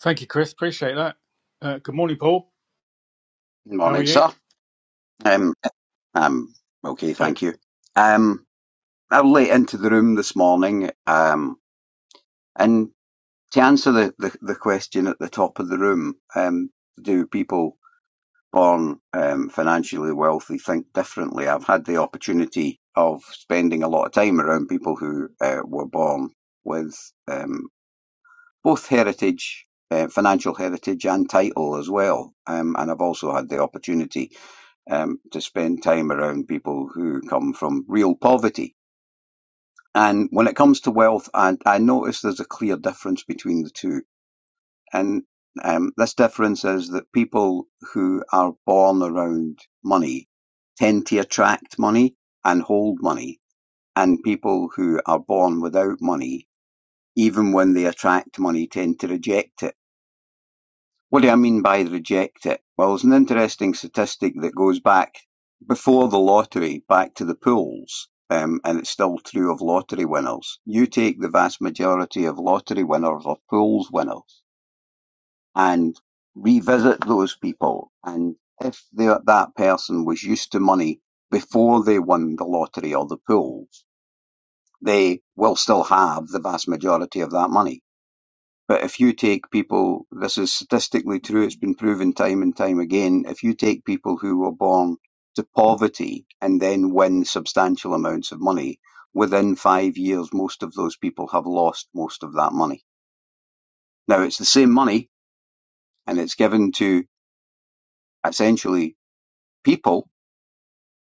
Thank you, Chris. Appreciate that. Uh, good morning, Paul.
Good
How are
Morning,
you?
sir. Um, um, okay, thank
Good.
you. Um, I'm late into the room this morning. Um, and to answer the, the, the question at the top of the room, um, do people born um, financially wealthy think differently? I've had the opportunity of spending a lot of time around people who uh, were born with um, both heritage, uh, financial heritage, and title as well. Um, and I've also had the opportunity um, to spend time around people who come from real poverty. And when it comes to wealth, I, I notice there's a clear difference between the two. And um, this difference is that people who are born around money tend to attract money and hold money. And people who are born without money, even when they attract money, tend to reject it What do I mean by reject it? Well, there's an interesting statistic that goes back before the lottery, back to the pools, um, and it's still true of lottery winners. You take the vast majority of lottery winners or pools winners and revisit those people. And if they, that person was used to money before they won the lottery or the pools, they will still have the vast majority of that money but if you take people, this is statistically true, it's been proven time and time again. If you take people who were born to poverty and then win substantial amounts of money, within five years, most of those people have lost most of that money. Now, it's the same money and it's given to essentially people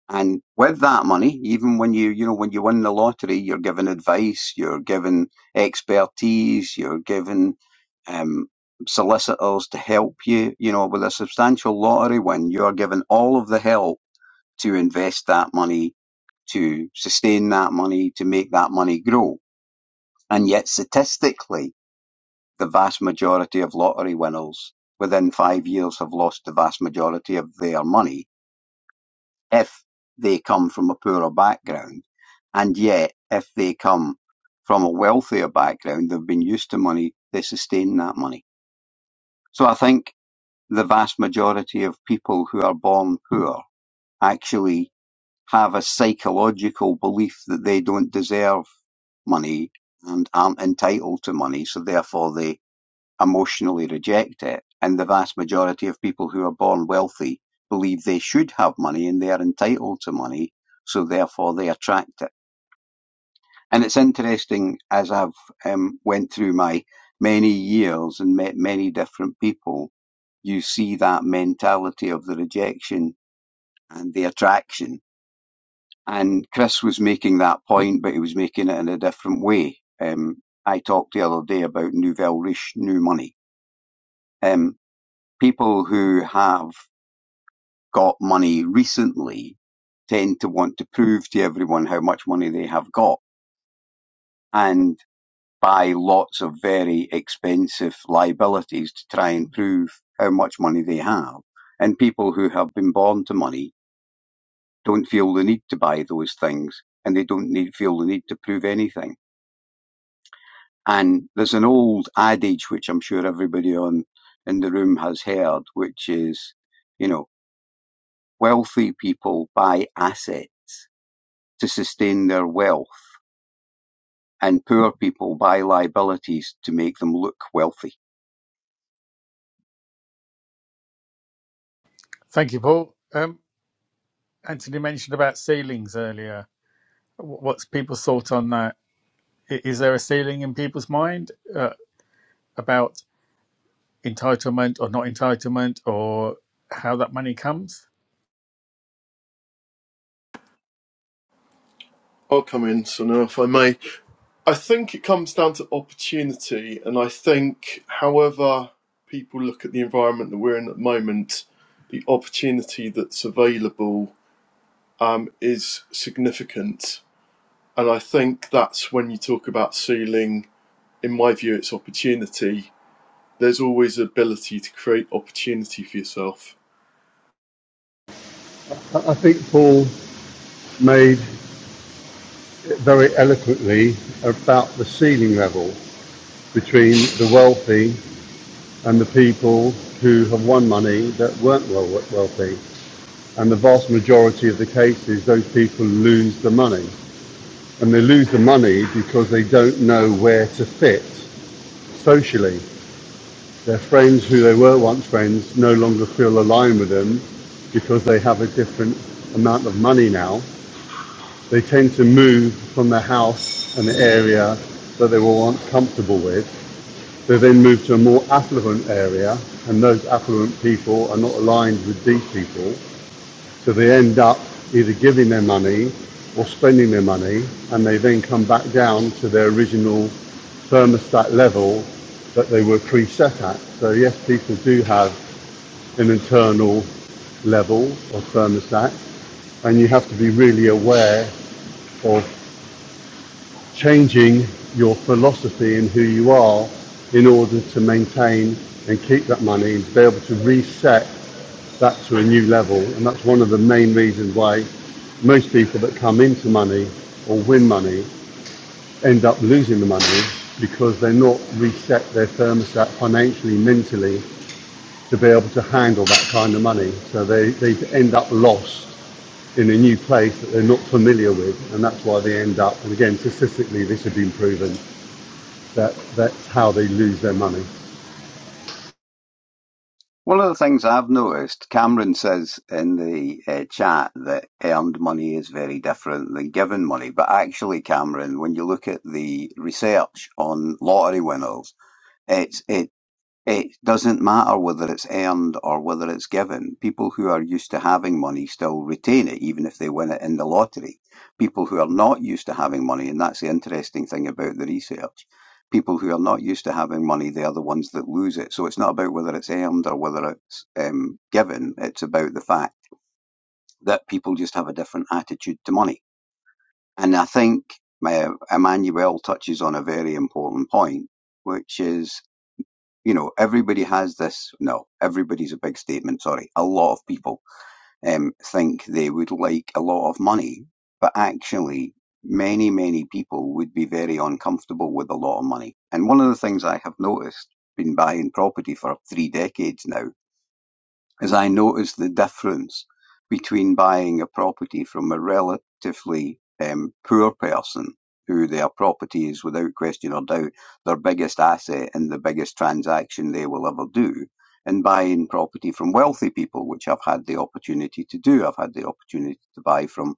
And with that money, even when you, you know, when you win the lottery, you're given advice, you're given expertise, you're given um, solicitors to help you. You know, with a substantial lottery win, you are given all of the help to invest that money, to sustain that money, to make that money grow. And yet, statistically, the vast majority of lottery winners within five years have lost the vast majority of their money if they come from a poorer background. And yet, if they come from a wealthier background, they've been used to money, they sustain that money. So I think the vast majority of people who are born poor actually have a psychological belief that they don't deserve money and aren't entitled to money, so therefore they emotionally reject it, and the vast majority of people who are born wealthy believe they should have money and they are entitled to money, so therefore they attract it. And it's interesting as I've um, went through my many years and met many different people, you see that mentality of the rejection and the attraction. And Chris was making that point, but he was making it in a different way. Um, I talked the other day about nouvelle riche, new money. Um, people who have got money recently tend to want to prove to everyone how much money they have got and buy lots of very expensive liabilities to try and prove how much money they have. And people who have been born to money don't feel the need to buy those things and they don't need, feel the need to prove anything. And there's an old adage, which I'm sure everybody on in the room has heard, which is, you know, wealthy people buy assets to sustain their wealth and poor people buy liabilities to make them look wealthy.
Thank you, Paul. Um, Anthony mentioned about ceilings earlier. Wh- What's people's thought on that? I- Is there a ceiling in people's mind uh, about entitlement or not entitlement or how that money comes?
I'll come in, so now if I may. I think it comes down to opportunity, and I think, however, people look at the environment that we're in at the moment, the opportunity that's available um, is significant. And I think that's when you talk about ceiling in my view, it's opportunity. There's always the ability to create opportunity for yourself.
I think Paul made very eloquently about the ceiling level between the wealthy and the people who have won money that weren't well- wealthy. And the vast majority of the cases, those people lose the money. And they lose the money because they don't know where to fit socially. Their friends who they were once friends no longer feel aligned with them because they have a different amount of money now. They tend to move from the house and the area that they were once comfortable with. They then move to a more affluent area, and those affluent people are not aligned with these people. So they end up either giving their money or spending their money, and they then come back down to their original thermostat level that they were preset at. So yes, people do have an internal level of thermostat, and you have to be really aware of changing your philosophy and who you are in order to maintain and keep that money and be able to reset that to a new level. And that's one of the main reasons why most people that come into money or win money end up losing the money because they're not reset their thermostat financially, mentally to be able to handle that kind of money. So they, they end up lost in a new place that they're not familiar with, and that's why they end up. And again, statistically, this has been proven that that's how they lose their money.
One of the things I've noticed, Cameron says in the uh, chat that earned money is very different than given money. But actually, Cameron, when you look at the research on lottery winners, it's, it It doesn't matter whether it's earned or whether it's given. People who are used to having money still retain it, even if they win it in the lottery. People who are not used to having money, and that's the interesting thing about the research, people who are not used to having money, they are the ones that lose it. So it's not about whether it's earned or whether it's um, given. It's about the fact that people just have a different attitude to money. And I think uh, Emmanuel touches on a very important point, which is you know, everybody has this. No, everybody's a big statement. Sorry, a lot of people um, think they would like a lot of money, but actually, many many people would be very uncomfortable with a lot of money. And one of the things I have noticed, been buying property for three decades now, as I noticed the difference between buying a property from a relatively um, poor person who their property is without question or doubt their biggest asset and the biggest transaction they will ever do and buying property from wealthy people which I've had the opportunity to do I've had the opportunity to buy from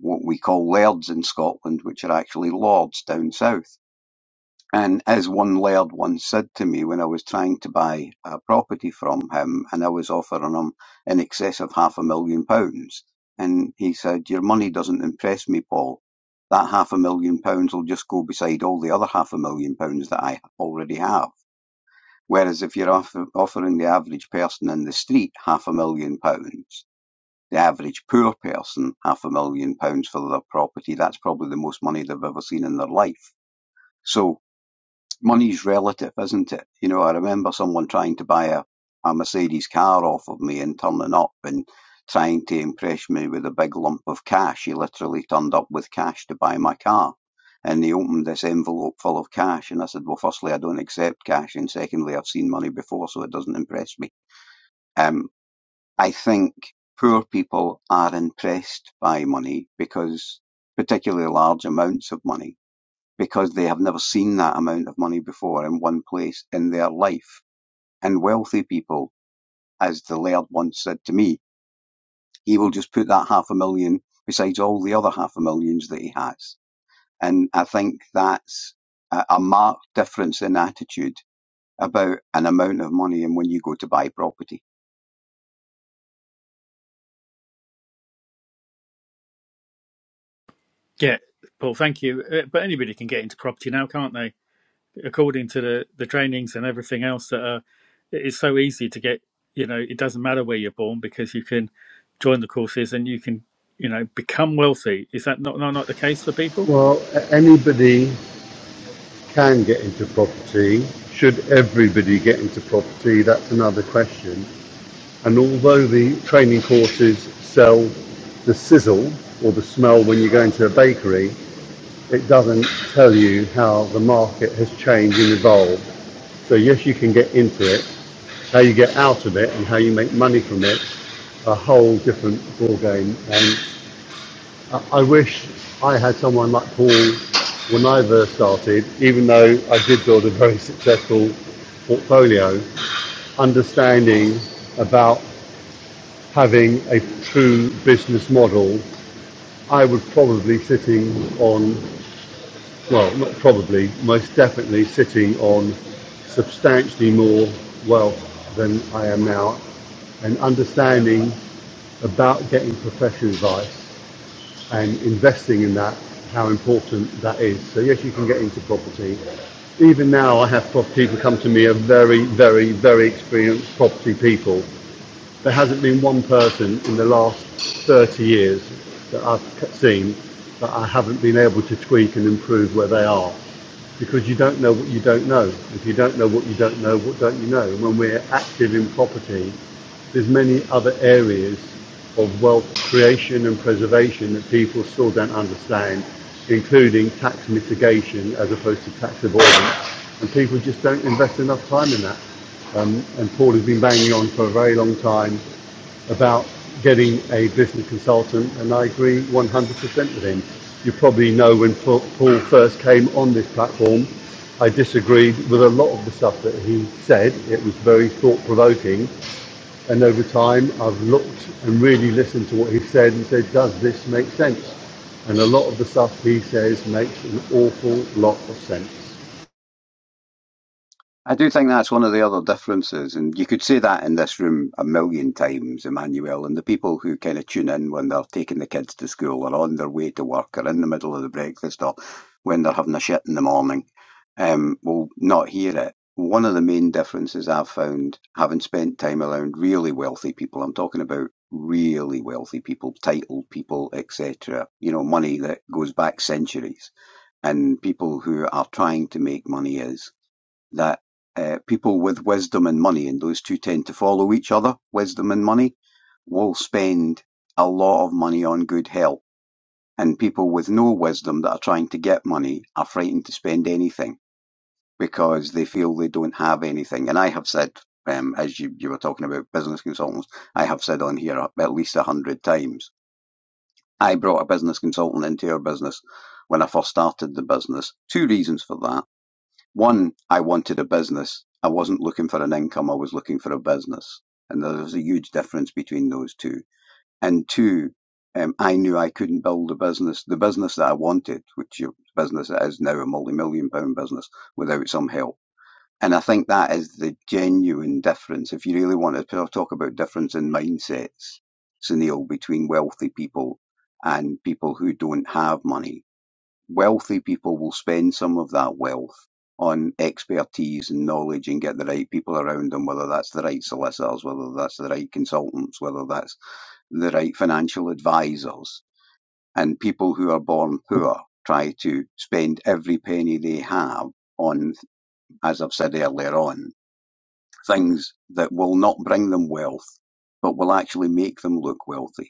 what we call lairds in Scotland which are actually lords down south and as one laird once said to me when I was trying to buy a property from him and I was offering him in excess of half a million pounds, and he said, Your money doesn't impress me, Paul. That half a million pounds will just go beside all the other half a million pounds that I already have. Whereas if you're offer- offering the average person in the street half a million pounds, the average poor person half a million pounds for their property, that's probably the most money they've ever seen in their life. So money's relative, isn't it? You know, I remember someone trying to buy a, a Mercedes car off of me and turning up and trying to impress me with a big lump of cash. He literally turned up with cash to buy my car. And he opened this envelope full of cash. And I said, Well, firstly, I don't accept cash. And secondly, I've seen money before, so it doesn't impress me. Um, I think poor people are impressed by money because, particularly large amounts of money, because they have never seen that amount of money before in one place in their life. And wealthy people, as the laird once said to me, he will just put that half a million besides all the other half a millions that he has. And I think that's a, marked difference in attitude about an amount of money and when you go to buy property.
Yeah, Paul, thank you. Uh, but anybody can get into property now, can't they? according to the the trainings and everything else that are it's so easy to get you know it doesn't matter where you're born because you can join the courses and you can you know become wealthy is that not not, not the case for people
Well, anybody can get into property. Should everybody get into property? That's another question. And although the training courses sell the sizzle or the smell when you go into a bakery, it doesn't tell you how the market has changed and evolved. So yes, you can get into it. How you get out of it and how you make money from it, a whole different ball game. And I wish I had someone like Paul when I first started, even though I did build a very successful portfolio, understanding about having a true business model, I would probably sitting on well, not probably, most definitely sitting on substantially more wealth than I am now and understanding about getting professional advice and investing in that, how important that is. So yes, you can get into property. Even now, I have property people come to me are very, very, very experienced property people there hasn't been one person in the last 30 years that I've seen that I haven't been able to tweak and improve where they are because you don't know what you don't know. If you don't know what you don't know, what don't you know? And when we're active in property, there's many other areas of wealth creation and preservation that people still don't understand, including tax mitigation as opposed to tax avoidance. And people just don't invest enough time in that. Um, and Paul has been banging on for a very long time about getting a business consultant, and I agree 100% with him. You probably know when Paul Paul first came on this platform, I disagreed with a lot of the stuff that he said. It was very thought provoking. And over time, I've looked and really listened to what he said and said, does this make sense? And a lot of the stuff he says makes an awful lot of sense.
I do think that's one of the other differences, and you could say that in this room a million times, Emmanuel. And the people who kind of tune in when they're taking the kids to school, or on their way to work, or in the middle of the breakfast, or when they're having a shit in the morning, um, will not hear it. One of the main differences I've found, having spent time around really wealthy people, I'm talking about really wealthy people, titled people, etc. You know, money that goes back centuries, and people who are trying to make money is that uh, people with wisdom and money, and those two tend to follow each other, wisdom and money, will spend a lot of money on good health. And people with no wisdom that are trying to get money are frightened to spend anything because they feel they don't have anything. And I have said, um, as you, you were talking about business consultants, I have said on here at least a hundred times, I brought a business consultant into our business when I first started the business. Two reasons for that. One, I wanted a business. I wasn't looking for an income, I was looking for a business. And there's a huge difference between those two. And two, um, I knew I couldn't build a business, the business that I wanted, which your business that is now a multi-million pound business, without some help. And I think that is the genuine difference. If you really want to talk about difference in mindsets, Sunil, between wealthy people and people who don't have money, wealthy people will spend some of that wealth on expertise and knowledge and get the right people around them, whether that's the right solicitors, whether that's the right consultants, whether that's the right financial advisors. And people who are born poor try to spend every penny they have on, as I've said earlier on, things that will not bring them wealth, but will actually make them look wealthy.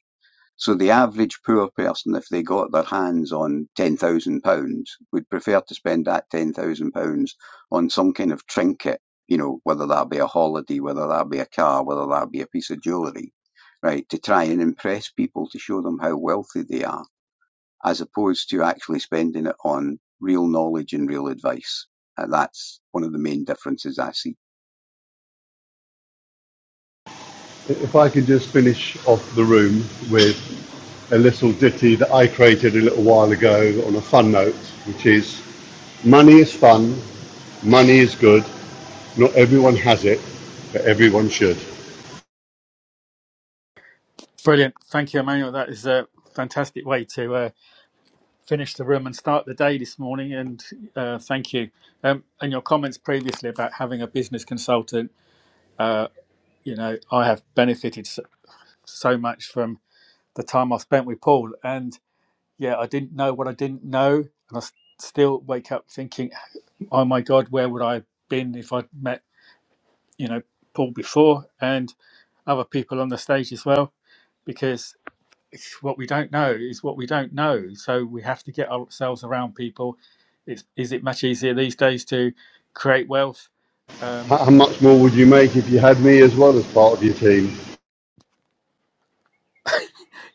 So the average poor person, if they got their hands on ten thousand pounds, would prefer to spend that ten thousand pounds on some kind of trinket, you know, whether that be a holiday, whether that be a car, whether that be a piece of jewellery, right, to try and impress people to show them how wealthy they are, as opposed to actually spending it on real knowledge and real advice. And that's one of the main differences I see.
If I could just finish off the room with a little ditty that I created a little while ago on a fun note, which is money is fun, money is good, not everyone has it, but everyone should.
brilliant thank you emmanuel that is a fantastic way to uh, finish the room and start the day this morning and uh, thank you um, and your comments previously about having a business consultant you know i have benefited so, so much from the time i spent with paul and yeah, I didn't know what I didn't know, and I s- still wake up thinking, "Oh my God, where would I have been if I'd met you know Paul before and other people on the stage as well?" Because it's what we don't know is what we don't know, so we have to get ourselves around people. It's, is it much easier these days to create wealth?
How
Um,
how much more would you make if you had me as well as part of your team?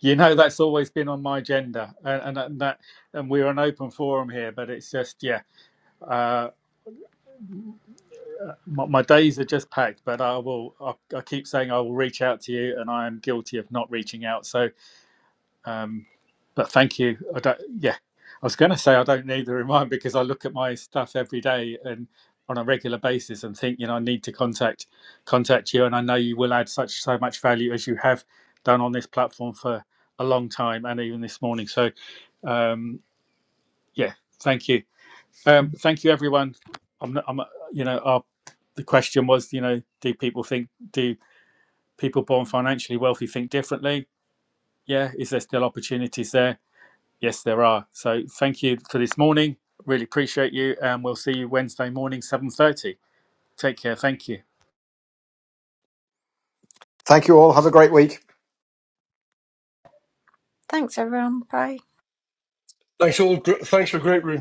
you know, that's always been on my agenda, and, and, and that, and we're an open forum here, but it's just yeah. uh, My, my days are just packed, but I will. I, I keep saying I will reach out to you, and I am guilty of not reaching out. So, um, but thank you. I don't. Yeah, I was going to say I don't need the reminder because I look at my stuff every day and on a regular basis and think, you know, I need to contact contact you, and I know you will add such so much value as you have done on this platform for a long time and even this morning. So, um, yeah, thank you. Um, thank you, everyone. I'm, not- I'm, uh, you know, our, the question was, you know, do people think, do people born financially wealthy think differently? Yeah. Is there still opportunities there? Yes, there are. So thank you for this morning. Really appreciate you, and we'll see you Wednesday morning, seven thirty. Take care. Thank you.
Thank you all. Have a great week.
Thanks, everyone. Bye.
Thanks all. gr- Thanks for a great room.